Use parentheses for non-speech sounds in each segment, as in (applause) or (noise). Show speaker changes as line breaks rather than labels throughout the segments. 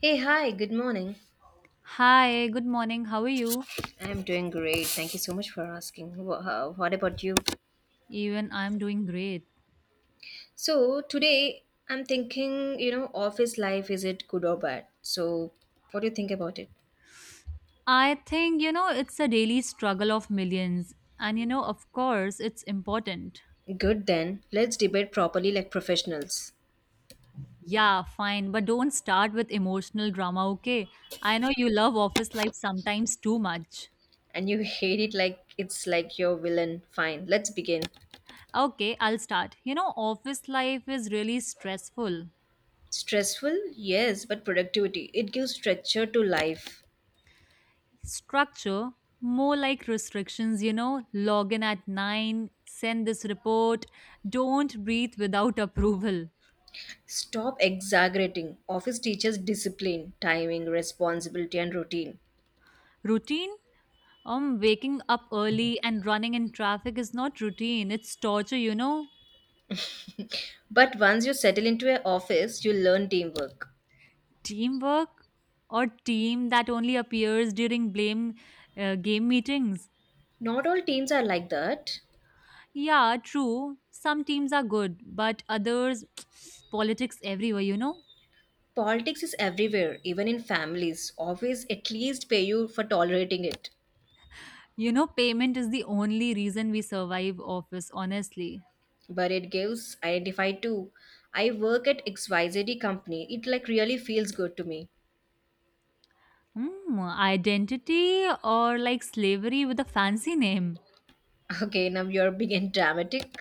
Hey, hi, good morning.
Hi, good morning. How are you?
I'm doing great. Thank you so much for asking. What about you?
Even I'm doing great.
So, today I'm thinking, office life, is it good or bad? So, what do you think about it?
I think, you know, it's a daily struggle of millions. And, you know, of course, it's important.
Good then. Let's debate properly like professionals.
Yeah, fine. But don't start with emotional drama, okay? I know you love office life sometimes too much.
And you (laughs) hate it like it's like your villain. Fine, let's begin.
Okay, I'll start. You know, office life is really stressful.
Stressful? Yes, but productivity. It gives structure to life.
Structure, more like restrictions, you know, log in at 9, send this report, don't breathe without (laughs) approval.
Stop exaggerating. Office teaches discipline, timing, responsibility, and routine.
Routine, waking up early and running in traffic is not routine, it's torture, you know.
But once you settle into an office, you learn teamwork.
Teamwork or team that only appears during blame game meetings.
Not all teams are like that.
Yeah, true. Some teams are good, but others, (sniffs) (tsk) politics everywhere, you know.
Politics is everywhere, even in families. Always at least pay you for tolerating it.
You know, payment is the only reason we survive office, honestly.
But it gives identify too. I work at XYZ company. It like really feels good to me.
Hmm, identity or like slavery with a fancy name.
(laughs) Okay, now you're big and (laughs) dramatic.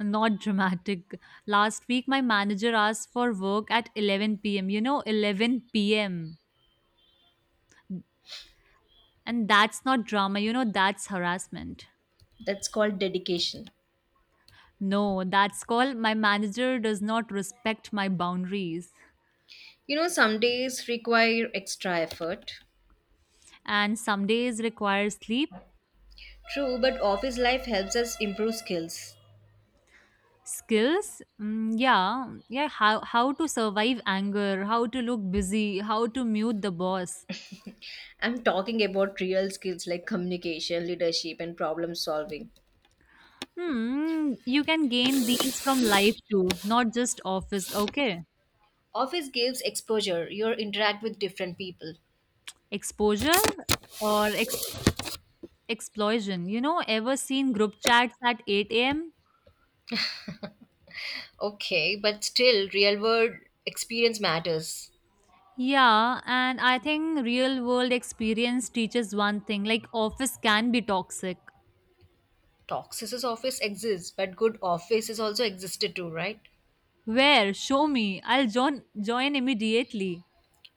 Not dramatic. Last week, my manager asked for work at 11 p.m. You know, 11 p.m. And that's not drama, you know, that's harassment.
That's called dedication.
No, that's called my manager does not respect my boundaries.
Some days require extra effort.
And some days require sleep.
True, but office life helps us improve skills.
Skills? Mm, yeah. Yeah. How to survive anger, how to look busy, how to mute the boss.
I'm talking about real skills like communication, leadership, and problem solving.
Hmm. You can gain these from life too, not just office. Okay.
Office gives exposure, you interact with different people.
Exposure or explosion? You know, ever seen group chats at 8 a.m.?
Okay, but still, real world experience matters.
Yeah, and I think real world experience teaches one thing like office can be toxic.
Toxicist office exists, but good offices also existed too, right?
Where? Show me. I'll join immediately.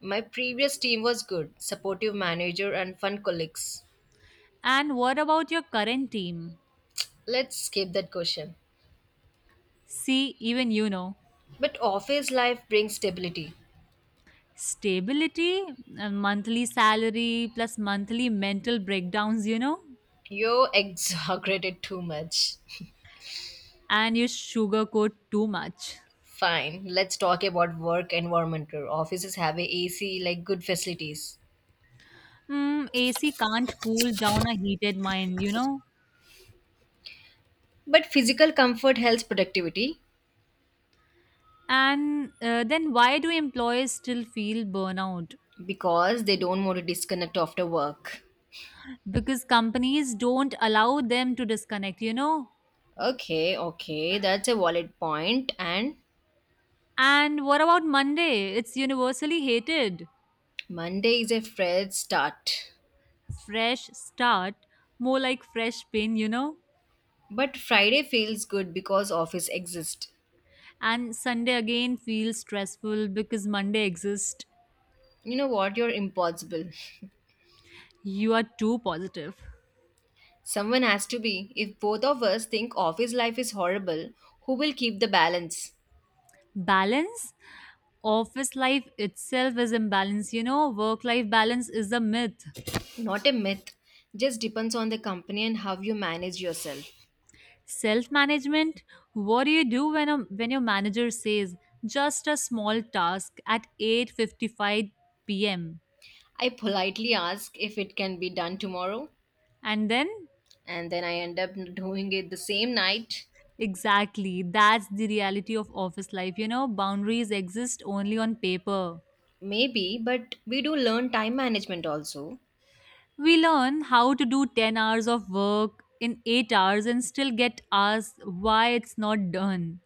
My previous team was good, supportive manager, and fun colleagues.
And what about your current team?
Let's skip that question.
See, even you know.
But office life brings stability.
Stability, monthly salary plus monthly mental breakdowns, you know.
You (laughs) exaggerated too much.
And you sugarcoat too much.
Fine. Let's talk about work environment here. Offices have a AC, like good facilities.
Hmm, AC can't cool down a heated mind, you know?
But physical comfort helps productivity
And then why do employees still feel burnout?
because they don't want to disconnect after work.
Because companies don't allow them to disconnect, you know?
Okay, okay, that's a valid point. And
And what about Monday? It's universally hated.
Monday is a fresh start.
Fresh start, more like fresh pain, you know?
But Friday feels good because office exists.
And Sunday again feels stressful because Monday exists.
You know what? You're impossible.
You are too positive.
Someone has to be. If both of us think office life is horrible, who will keep the balance?
Balance? Office life itself is imbalance, you know? Work life balance is a myth.
Not a myth, just depends on the company and how you manage yourself.
Self management? What do you do when when your manager says just a small task at 8:55 p.m.
I politely ask if it can be done tomorrow,
and then
and then I end up doing it the same night.
exactly that's the reality of office life, you know, boundaries exist only on paper.
Maybe, but we do learn time management also. (sighs)
We learn how to do 10 hours of work in 8 hours and still get asked why it's not done,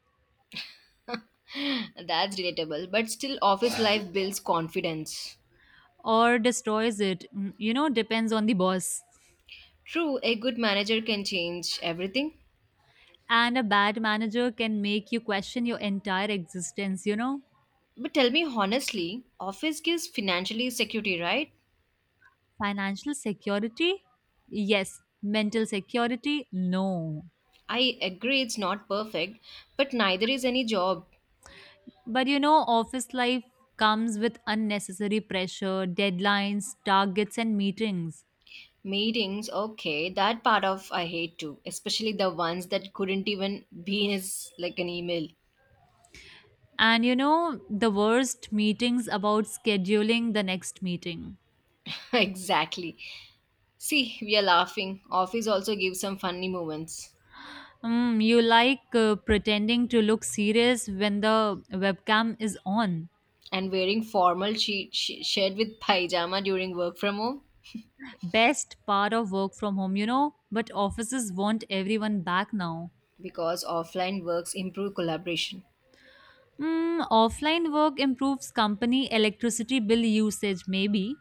(laughs) That's relatable, but still, office life builds confidence.
or destroys it. Mm, you know, depends on the boss.
True, a good manager can change everything.
And a bad manager can make you question your entire existence, you know.
But tell me honestly, office gives financially security, right?
Financial security? Yes. Mental security? No.
I agree it's not perfect, but neither is any job.
But you know, office life comes with unnecessary pressure, deadlines, targets, and meetings.
Meetings, okay, that part of I hate too, especially the ones that couldn't even be as like an email.
And you know, the worst meetings about scheduling the next meeting.
(laughs) Exactly. See, we are laughing. Office also gives some funny moments.
Mm, you like pretending to look serious when the webcam is on.
And wearing formal shared with pajama during work from home
Best part of work from home, you know, but offices want everyone back now.
because offline works improve collaboration.
Mm, offline work improves company electricity bill usage, maybe,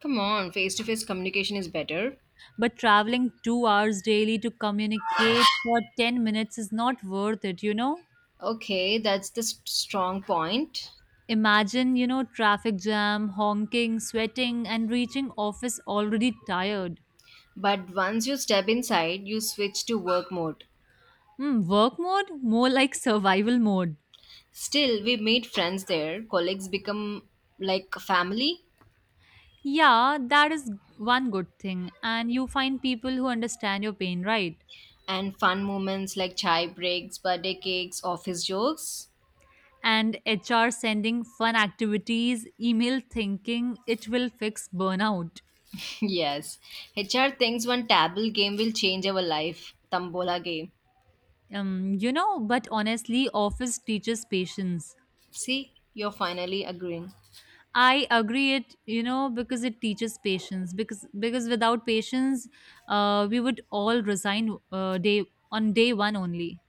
Come on, face to face communication is better.
but traveling 2 hours daily to communicate for 10 minutes is not worth it, you know?
Okay, that's the strong point.
Imagine, you know, traffic jam, honking, sweating, and reaching office already tired.
But once you step inside, you switch to work mode.
Hmm, work mode? More like survival mode.
Still, we made friends there. Colleagues become like family,
Yeah, that is one good thing, and you find people who understand your pain, right?
and fun moments like chai breaks, birthday cakes, office jokes.
And HR sending fun activities, email thinking it will fix burnout.
(laughs) Yes, HR thinks one table game will change our life. Tambola game.
You know, but honestly, office teaches patience.
See, you're finally agreeing.
I agree it, you know, because it teaches patience. Because without patience, we would all resign day one only.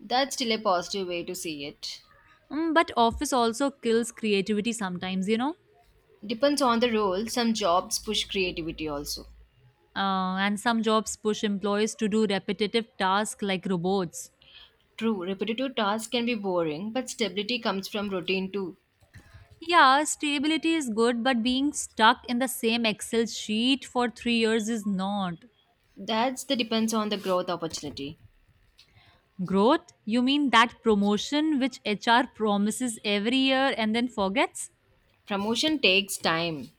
That's still a positive way to see it.
Mm, but office also kills creativity sometimes, you know.
Depends on the role, some jobs push creativity also.
And some jobs push employees to do repetitive tasks like robots.
True, repetitive tasks can be boring, but stability comes from routine too.
Yeah, stability is good, but being stuck in the same Excel sheet for 3 years is not.
That's the depends on the growth opportunity.
Growth? You mean that promotion which HR promises every year and then forgets?
Promotion takes time,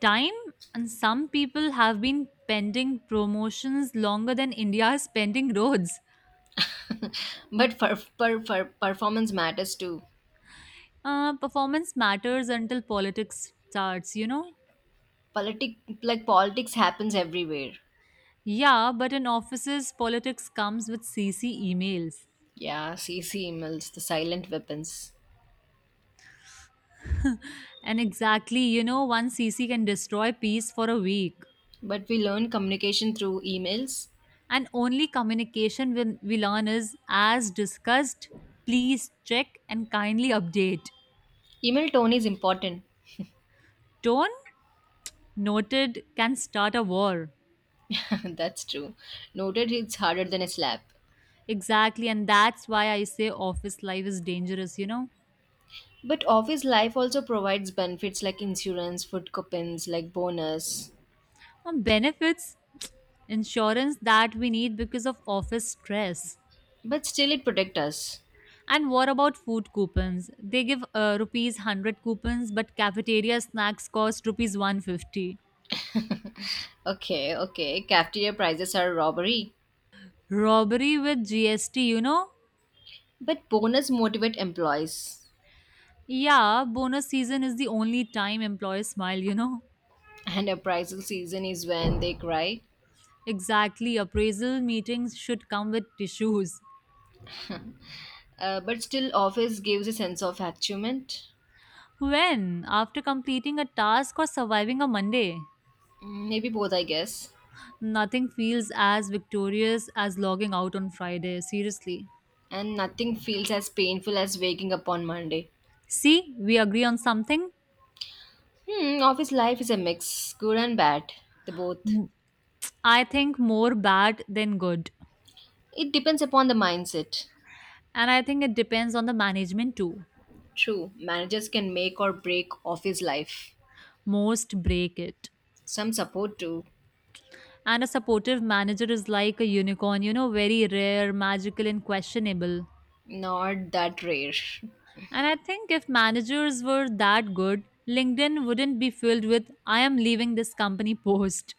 Time? And some people have been pending promotions longer than India's pending roads.
but performance matters too.
Performance matters until politics starts, you know?
Politic Like politics happens everywhere.
Yeah, but in offices, politics comes with CC emails.
Yeah, CC emails, the silent weapons.
And exactly, you know, one CC can destroy peace for a week.
But we learn communication through emails.
And only communication will on is as discussed, please check and kindly update.
Email tone is important.
Tone noted can start a war.
(laughs) That's true. Noted it's harder than a slap.
Exactly, and that's why I say office life is dangerous, you know.
But office life also provides benefits like insurance, food coupons, like bonus.
Benefits (tsk) insurance that we need because of office stress.
But still it protects us.
And what about food coupons? They give rupees 100 coupons, but cafeteria snacks cost rupees 150.
Okay, okay, cafeteria prices are robbery.
Robbery with GST, you know.
But bonus motivate employees.
Yeah, bonus season is the only time employees smile, you know.
And appraisal season is when they cry.
Exactly, appraisal meetings should come with tissues.
But still, office gives a sense of achievement.
When? After completing a task or surviving a Monday?
Mm, maybe both, I guess.
Nothing feels as victorious as logging out on Friday, seriously.
And nothing feels as painful as waking up on Monday.
See, we agree on something.
Hmm, office life is a mix, good and bad, the both.
M- I think more bad than good.
It depends upon the mindset.
And I think it depends on the management too.
True, managers can make or break office life.
Most break it.
Some support too,
And a supportive manager is like a unicorn, you know, very rare, magical, and questionable.
not that rare.
And I think if managers were that good, LinkedIn wouldn't be filled with, I am leaving this company post.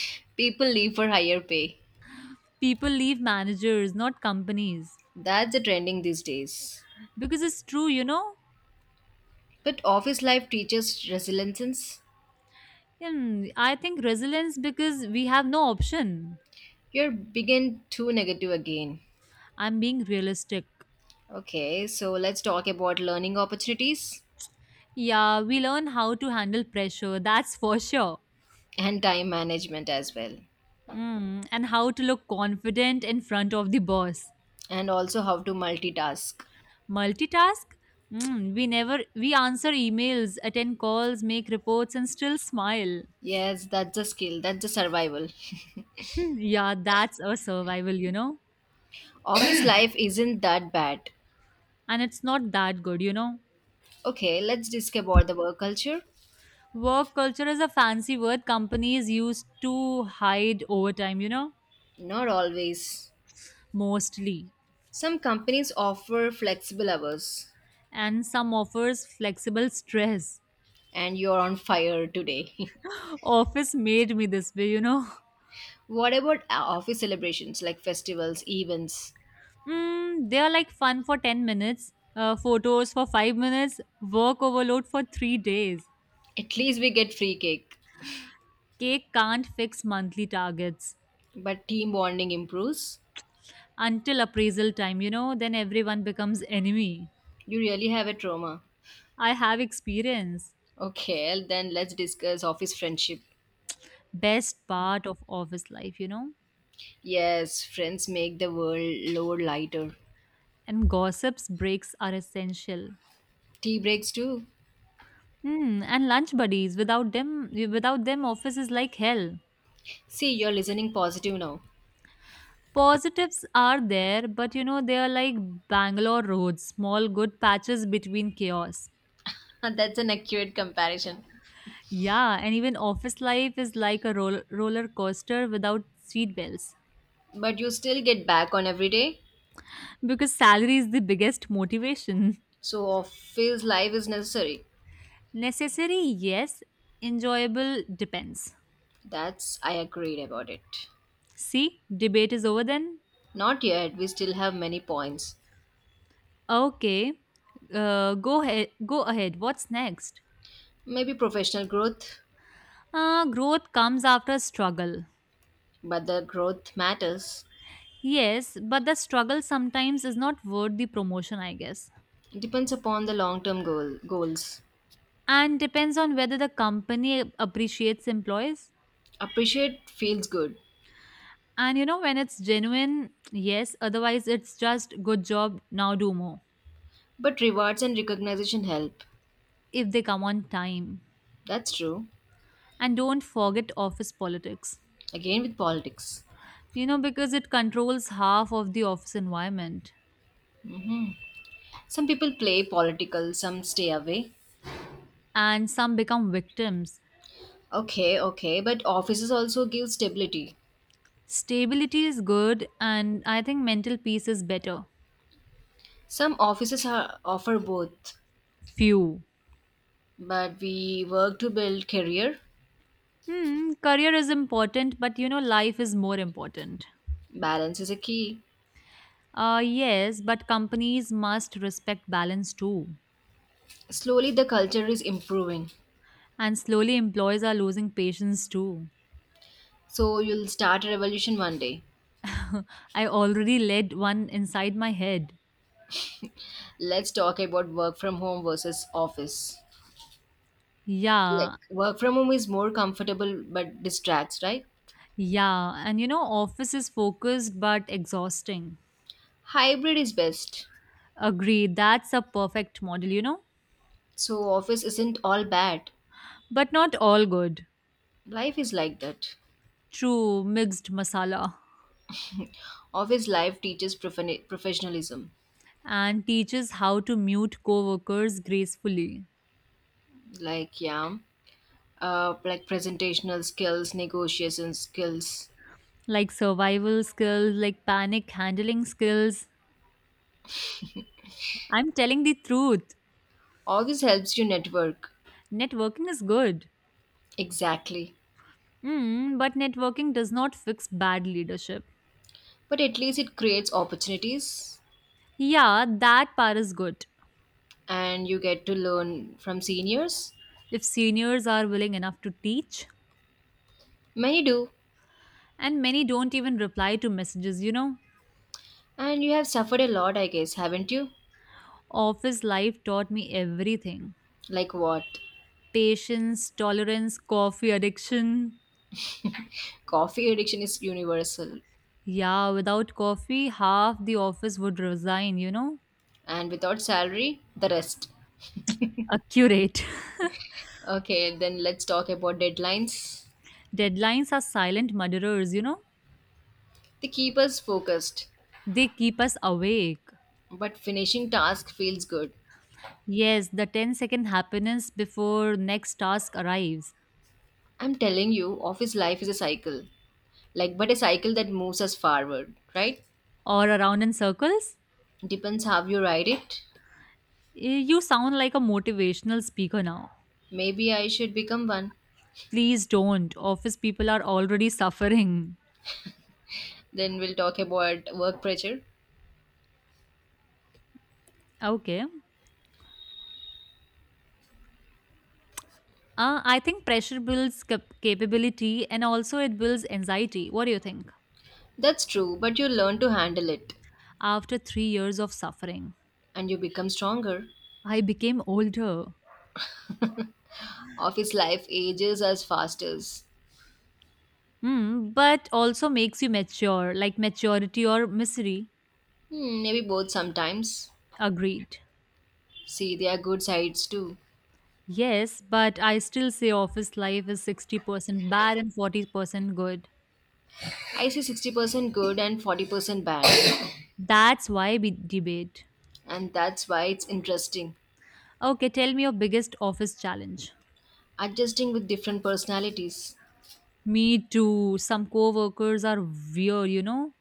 (laughs) People leave for higher pay.
People leave managers, not companies.
That's the trending these days.
Because it's true, you know?
But office life teaches resilience.
Hmm, I think resilience because we have no option.
You're begin too negative again.
I'm being realistic.
Okay, so let's talk about learning opportunities
Yeah, we learn how to handle pressure, that's for sure.
and time management as well,
Mm, and how to look confident in front of the boss.
and also how to multitask.
Multitask? Mm, we never we answer emails, attend calls, make reports and still smile.
Yes, that's a skill, that's a survival.
Yeah, that's a survival, you know.
(coughs) (laughs) Office life isn't that bad.
And it's not that good, you know.
Okay, let's discuss about the work culture.
Work culture is a fancy word companies use to hide overtime, you know,
Not always.
mostly.
Some companies offer flexible hours,
And some offers flexible stress.
and you're on fire today.
(laughs) Office made me this way, you know. (laughs)
(laughs) What about office celebrations like festivals, events?
Mm, they are like fun for 10 minutes, photos for 5 minutes, work overload for 3 days.
At least we get free cake.
Cake can't fix monthly targets
But team bonding improves.
until appraisal time, you know, then everyone becomes enemy.
You really have a trauma.
I have experience.
Okay, then let's discuss office friendship.
Best part of office life, you know?
Yes, friends make the world load lighter.
And gossips breaks are essential.
Tea breaks too.
Hmm, and lunch buddies. Without them, office is like hell.
See, you're listening positive now.
Positives are there, but you know, they are like Bangalore roads, small good patches between chaos.
(laughs) That's an accurate comparison.
Yeah, and even office life is like a roller coaster without seat belts
But you still get back on every day.
because salary is the biggest motivation.
So office life is necessary.
(laughs) Necessary, yes. Enjoyable, depends.
That's I agreed about it.
See, debate is over then.
Not yet, we still have many points.
Okay, go ahead. What's next?
Maybe professional growth,
Growth comes after struggle.
but the growth matters.
Yes, but the struggle sometimes is not worth the promotion, I guess,
It depends upon the long term goals.
and depends on whether the company appreciates employees.
Appreciate feels good,
And you know, when it's genuine, yes. Otherwise, it's just good job. Now do more
but rewards and recognition help.
if they come on time.
That's true.
And don't forget office politics.
Again with politics.
You know, because it controls half of the office environment,
Some people play political, some stay away.
and some become victims.
Okay, okay, but offices also give stability.
Stability is good, and I think mental peace is better.
Some offices are, offer both,
Few.
but we work to build career.
Hmm, career is important, but you know, life is more important.
Balance is a key.
Yes, but companies must respect balance too.
Slowly the culture is improving.
And slowly, employees are losing patience too.
So you'll start a revolution one day.
I already led one inside my head.
Let's talk about work from home versus office. Like
Yeah,
work from home is more comfortable but distracts, right?
yeah. And you know, office is focused but exhausting.
Hybrid is best.
Agree, that's a perfect model, you know?
So office isn't all bad.
But not all good.
Life is like that.
True, mixed masala.
Office life teaches professionalism.
And teaches how to mute coworkers gracefully,
Like yeah, like presentational skills, negotiation skills.
like survival skills, like panic handling skills. I'm telling the truth.
All this helps you network.
Networking is good.
Exactly.
Mm, but networking does not fix bad leadership.
But at least it creates opportunities,
Yeah, that part is good
and you get to learn from seniors.
if seniors are willing enough to teach,
Many do,
and many don't even reply to messages, you know.
and you have suffered a lot, I guess, haven't you?
Office life taught me everything:
Like what?
patience, tolerance, coffee addiction.
Coffee addiction is universal,
Yeah, without coffee, half the office would resign, you know?
and without salary, the rest.
Accurate.
Okay, then let's talk about deadlines.
(laughs) Deadlines are silent murderers, you know?
They keep us focused,
They keep us awake.
but finishing task feels good.
Yes, the ten-second happiness before next task arrives.
I'm telling you, office life is a cycle. Like, but a cycle that moves us forward, right?
Or around in circles?
Depends how you ride it.
Eh, you sound like a motivational speaker now.
Maybe I should become one.
Please don't. Office people are already suffering.
Then we'll talk about work pressure.
Okay. I think pressure builds capability and also it builds anxiety. What do you think?
That's true, but you learn to handle it
After 3 years of suffering.
and you become stronger.
I became older.
Office life ages us fasters.
Hmm, but also makes you mature, like maturity or misery.
Hmm, maybe both sometimes.
Agreed.
See, there are good sides too.
Yes, but I still say office life is 60% bad and 40% good.
I see 60% good and 40% bad.
That's why we debate.
And that's why it's interesting.
Okay, tell me your biggest office challenge.
Adjusting with different personalities.
Me too. Some coworkers are weird, you know?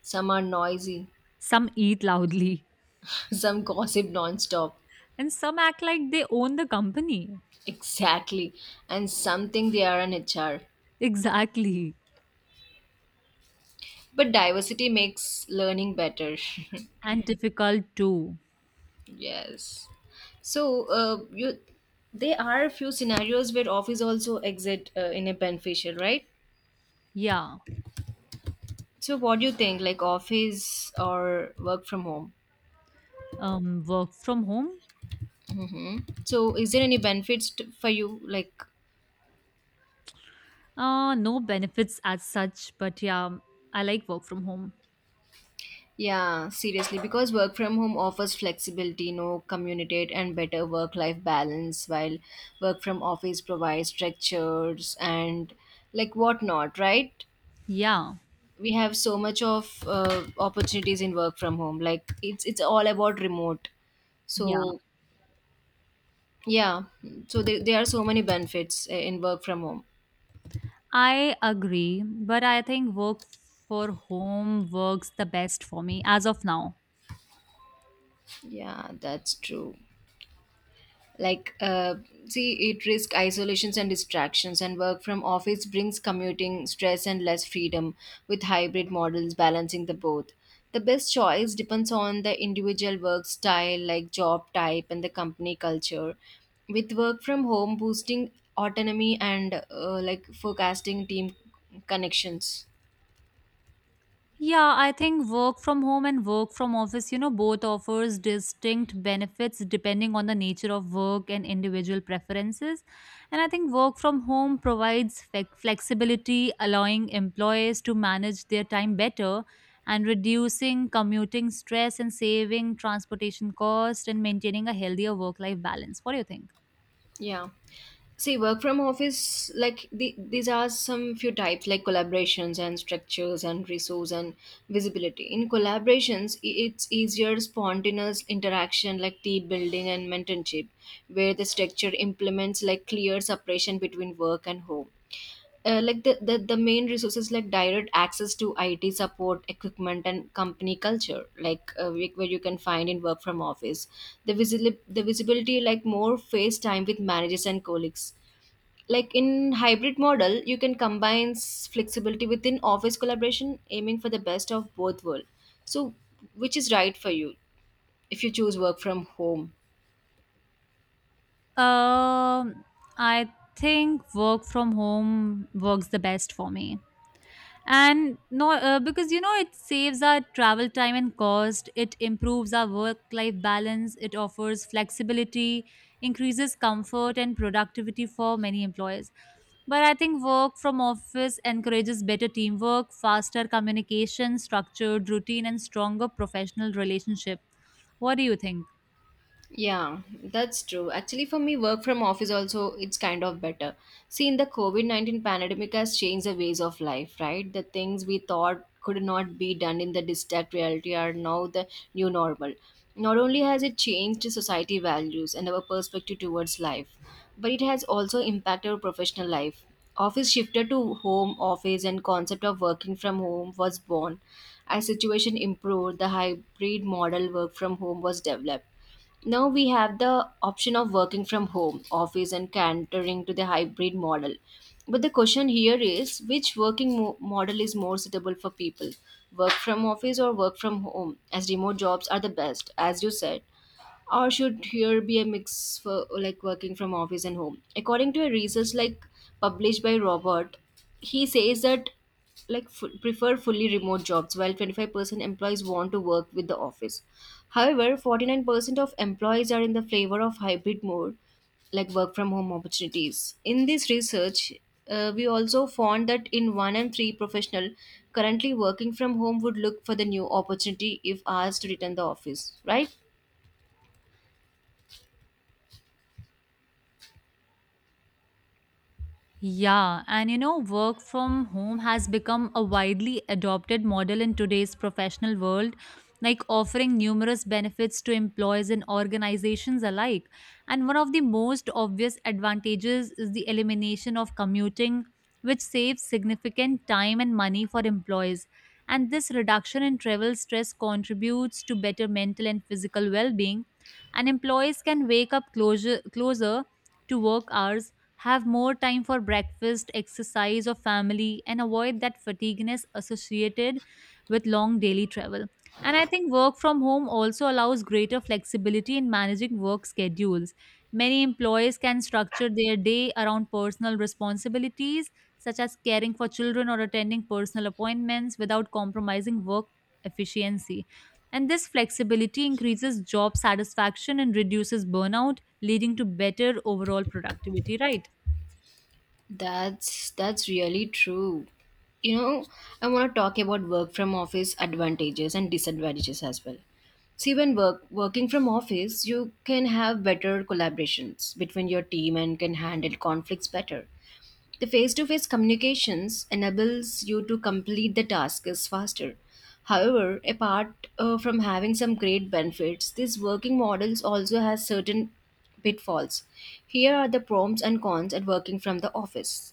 Some are noisy,
Some eat loudly,
(laughs) some gossip nonstop.
and some act like they own the company.
Exactly. And something they are an HR.
Exactly.
But diversity makes learning better.
And difficult too.
(laughs) Yes. So, you there are a few scenarios where office also exit in a beneficial, right?
Yeah.
So what do you think like office or work from home?
Work from home.
So, is there any benefits for you? Like,
No benefits as such, but yeah, I like work from home.
yeah, seriously, because work from home offers flexibility, no communicate, and better work life balance, while work from office provides structures and like whatnot, right?
Yeah,
We have so much of opportunities in work from home. Like, it's all about remote.
yeah,
So, yeah, so there are so many benefits in work from home.
I agree. But I think work for home works the best for me as of now.
Yeah, that's true. Like see, it risks isolations and distractions, and work from office brings commuting stress and less freedom, with hybrid models balancing the both. The best choice depends on the individual work style like job type and the company culture, with work from home boosting autonomy and like forecasting team connections.
Yeah, I think work from home and work from office, you know, both offers distinct benefits depending on the nature of work and individual preferences. And I think work from home provides flexibility, allowing employees to manage their time better and reducing commuting stress and saving transportation costs and maintaining a healthier work life balance. What do you think?
Yeah. See, work from office, like these are some few types like collaborations and structures and resource and visibility. In collaborations, it's easier spontaneous interaction like team building and mentorship, where the structure implements like clear separation between work and home, like the main resources like direct access to IT support equipment and company culture, like where you can find in work from office, the visibility like more face time with managers and colleagues, like in hybrid model you can combine flexibility within office collaboration, aiming for the best of both world. So which is right for you if you choose work from home?
Um, I think work from home works the best for me. And no because you know it saves our travel time and cost, it improves our work life balance, it offers flexibility, increases comfort and productivity for many employers. But I think work from office encourages better teamwork, faster communication, structured routine, and stronger professional relationship. What do you think?
Yeah, that's true. Actually, for me, work from office also it's kind of better. See, in the COVID 19 pandemic has changed the ways of life, right? The things we thought could not be done in the distant reality are now the new normal. Not only has it changed society values and our perspective towards life, but it has also impacted our professional life. Office shifted to home office and concept of working from home was born. As situation improved, the hybrid model work from home was developed. Now we have the option of working from home, office, and catering to the hybrid model. But the question here is which working model is more suitable for people? Work from office or work from home, as remote jobs are the best, as you said, or should here be a mix for like working from office and home? According to a research like published by robert, he says that prefer fully remote jobs, while 25% employees want to work with the office. However, 49% of employees are in the favor of hybrid mode, like work from home opportunities. In this research, we also found that in one and three professional currently working from home would look for the new opportunity if asked to return the office, right?
Yeah, and you know, work from home has become a widely adopted model in today's professional world, like offering numerous benefits to employees and organizations alike. And one of the most obvious advantages is the elimination of commuting, which saves significant time and money for employees. And this reduction in travel stress contributes to better mental and physical well being. And employees can wake up closer to work hours, have more time for breakfast, exercise, or family, and avoid that fatigueness associated with long daily travel. And I think work from home also allows greater flexibility in managing work schedules. Many employees can structure their day around personal responsibilities, such as caring for children or attending personal appointments, without compromising work efficiency. And this flexibility increases job satisfaction and reduces burnout, leading to better overall productivity, right?
That's really true. You know, I want to talk about work from office advantages and disadvantages as well. See, when working from office, you can have better collaborations between your team and can handle conflicts better. The face to face communications enables you to complete the tasks faster. However, apart from having some great benefits, these working models also has certain pitfalls. Here are the pros and cons at working from the office.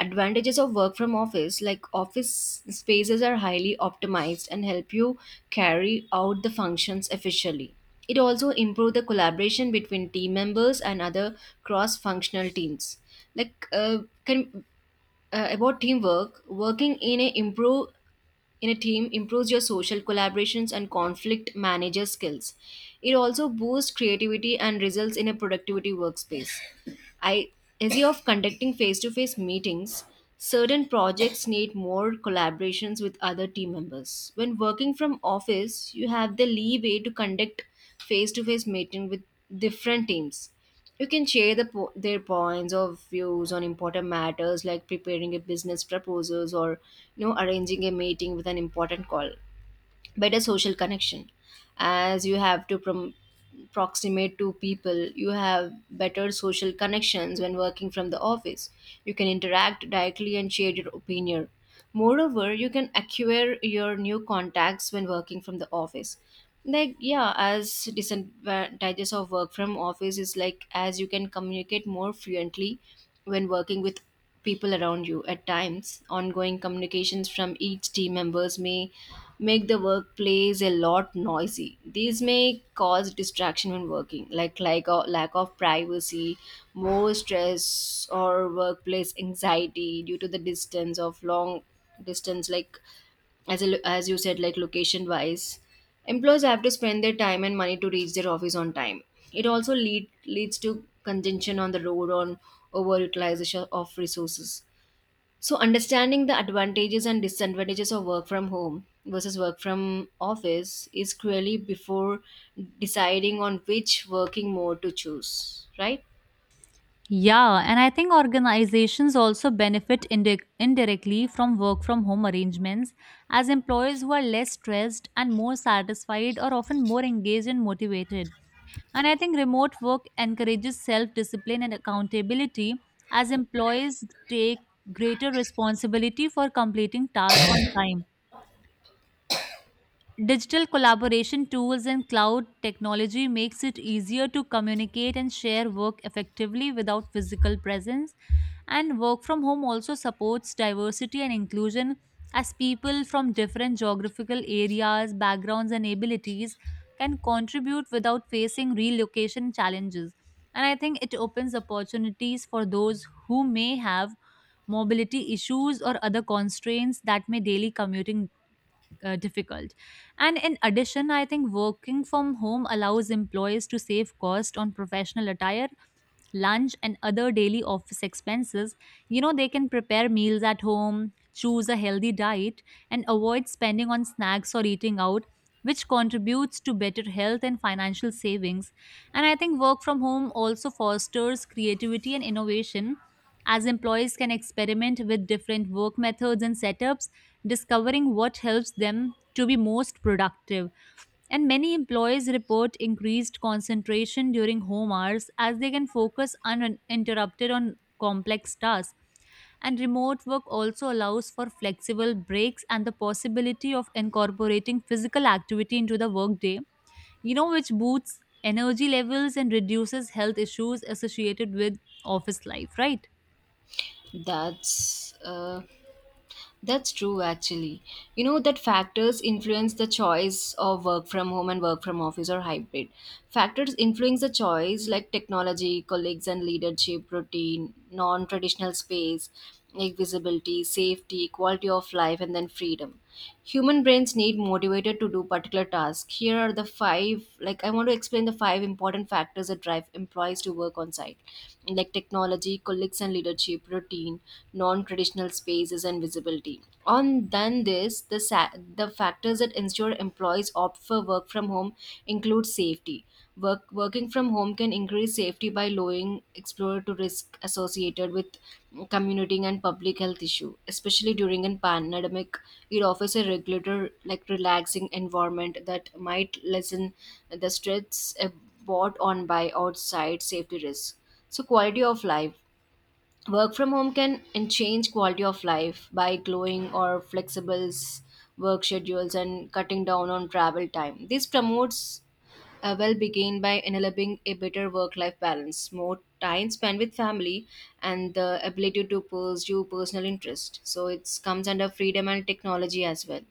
Advantages of work from office: like office spaces are highly optimized and help you carry out the functions efficiently. It also improves the collaboration between team members and other cross functional teams. Like can About teamwork, working in a improve in a team improves your social collaborations and conflict manager skills. It also boosts creativity and results in a productivity workspace. I Instead of conducting face-to-face meetings, certain projects need more collaborations with other team members. When working from office, you have the leeway to conduct face-to-face meeting with different teams. You can share their points of views on important matters like preparing a business proposals, or you know, arranging a meeting with an important call. Better social connection: as you have to proximate to people, you have better social connections when working from the office. You can interact directly and share your opinion. Moreover, you can acquire your new contacts when working from the office. Like yeah, as disadvantages of work from office is like, as you can communicate more fluently when working with people around you. At times, ongoing communications from each team members may make the workplace a lot noisy. These may cause distraction when working, like a lack of privacy, more stress, or workplace anxiety due to the distance of long distance. Like as as you said, like location wise, employees have to spend their time and money to reach their office on time. It also leads to congestion on the road on overutilization of resources. So understanding the advantages and disadvantages of work from home versus work from office is cruelly before deciding on which working mode to choose, right?
Yeah, and I think organizations also benefit indirectly from work from home arrangements, as employees who are less stressed and more satisfied are often more engaged and motivated. And I think remote work encourages self discipline and accountability, as employees take greater responsibility for completing tasks on time. Digital collaboration tools and cloud technology makes it easier to communicate and share work effectively without physical presence, and work from home also supports diversity and inclusion, as people from different geographical areas, backgrounds, and abilities can contribute without facing relocation challenges. And I think it opens opportunities for those who may have mobility issues or other constraints that may daily commuting difficult. And in addition, I think working from home allows employees to save cost on professional attire, lunch and other daily office expenses. You know, they can prepare meals at home, choose a healthy diet, and avoid spending on snacks or eating out, which contributes to better health and financial savings. And I think work from home also fosters creativity and innovation, as employees can experiment with different work methods and setups, discovering what helps them to be most productive. And many employees report increased concentration during home hours as they can focus uninterrupted on complex tasks. And remote work also allows for flexible breaks and the possibility of incorporating physical activity into the workday, you know, which boosts energy levels and reduces health issues associated with office life, right?
that's uh, That's true, actually. You know that factors influence the choice of work from home and work from office or hybrid. Factors influence the choice like technology, colleagues and leadership, routine, non traditional space, like visibility, safety, quality of life, and then freedom. Human brains need motivated to do particular tasks. Here are the five, like I want to explain the five important factors that drive employees to work on site, like technology, colleagues and leadership, routine, non-traditional spaces and visibility. On than this, the factors that ensure employees opt for work from home include safety. Working from home can increase safety by lowering exposure to risk associated with commuting and public health issue, especially during a pandemic. It offers a regular, like relaxing environment that might lessen the stress brought on by outside safety risks. So quality of life: work from home can and change quality of life by glowing or flexibles work schedules and cutting down on travel time. This promotes a well-being by enabling a better work-life balance, more time spent with family, and the ability to pursue personal interest. So it comes under freedom and technology as well.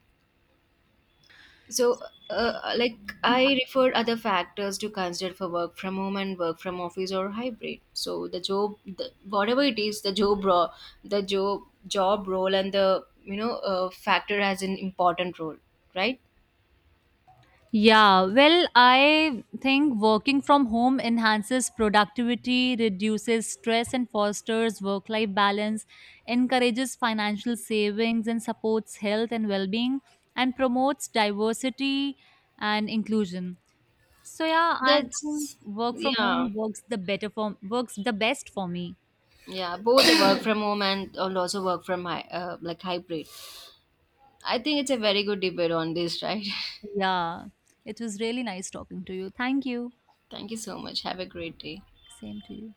So, uh, uh, like I referred other factors to consider for work from home and work from office or hybrid. So the job, whatever it is, the job role, the job job role, and the you know factor has an important role, right?
Yeah, well, I think working from home enhances productivity, reduces stress, and fosters work life balance, encourages financial savings, and supports health and well being, and promotes diversity and inclusion. So, yeah, I think
That's
work from
yeah,
home works the better for works the best for me.
yeah. Both (coughs) work from home and also work from hybrid. I think it's a very good debate on this, right?
Yeah, it was really nice talking to you. Thank you.
(laughs) Thank you so much. Have a great day.
Same to you.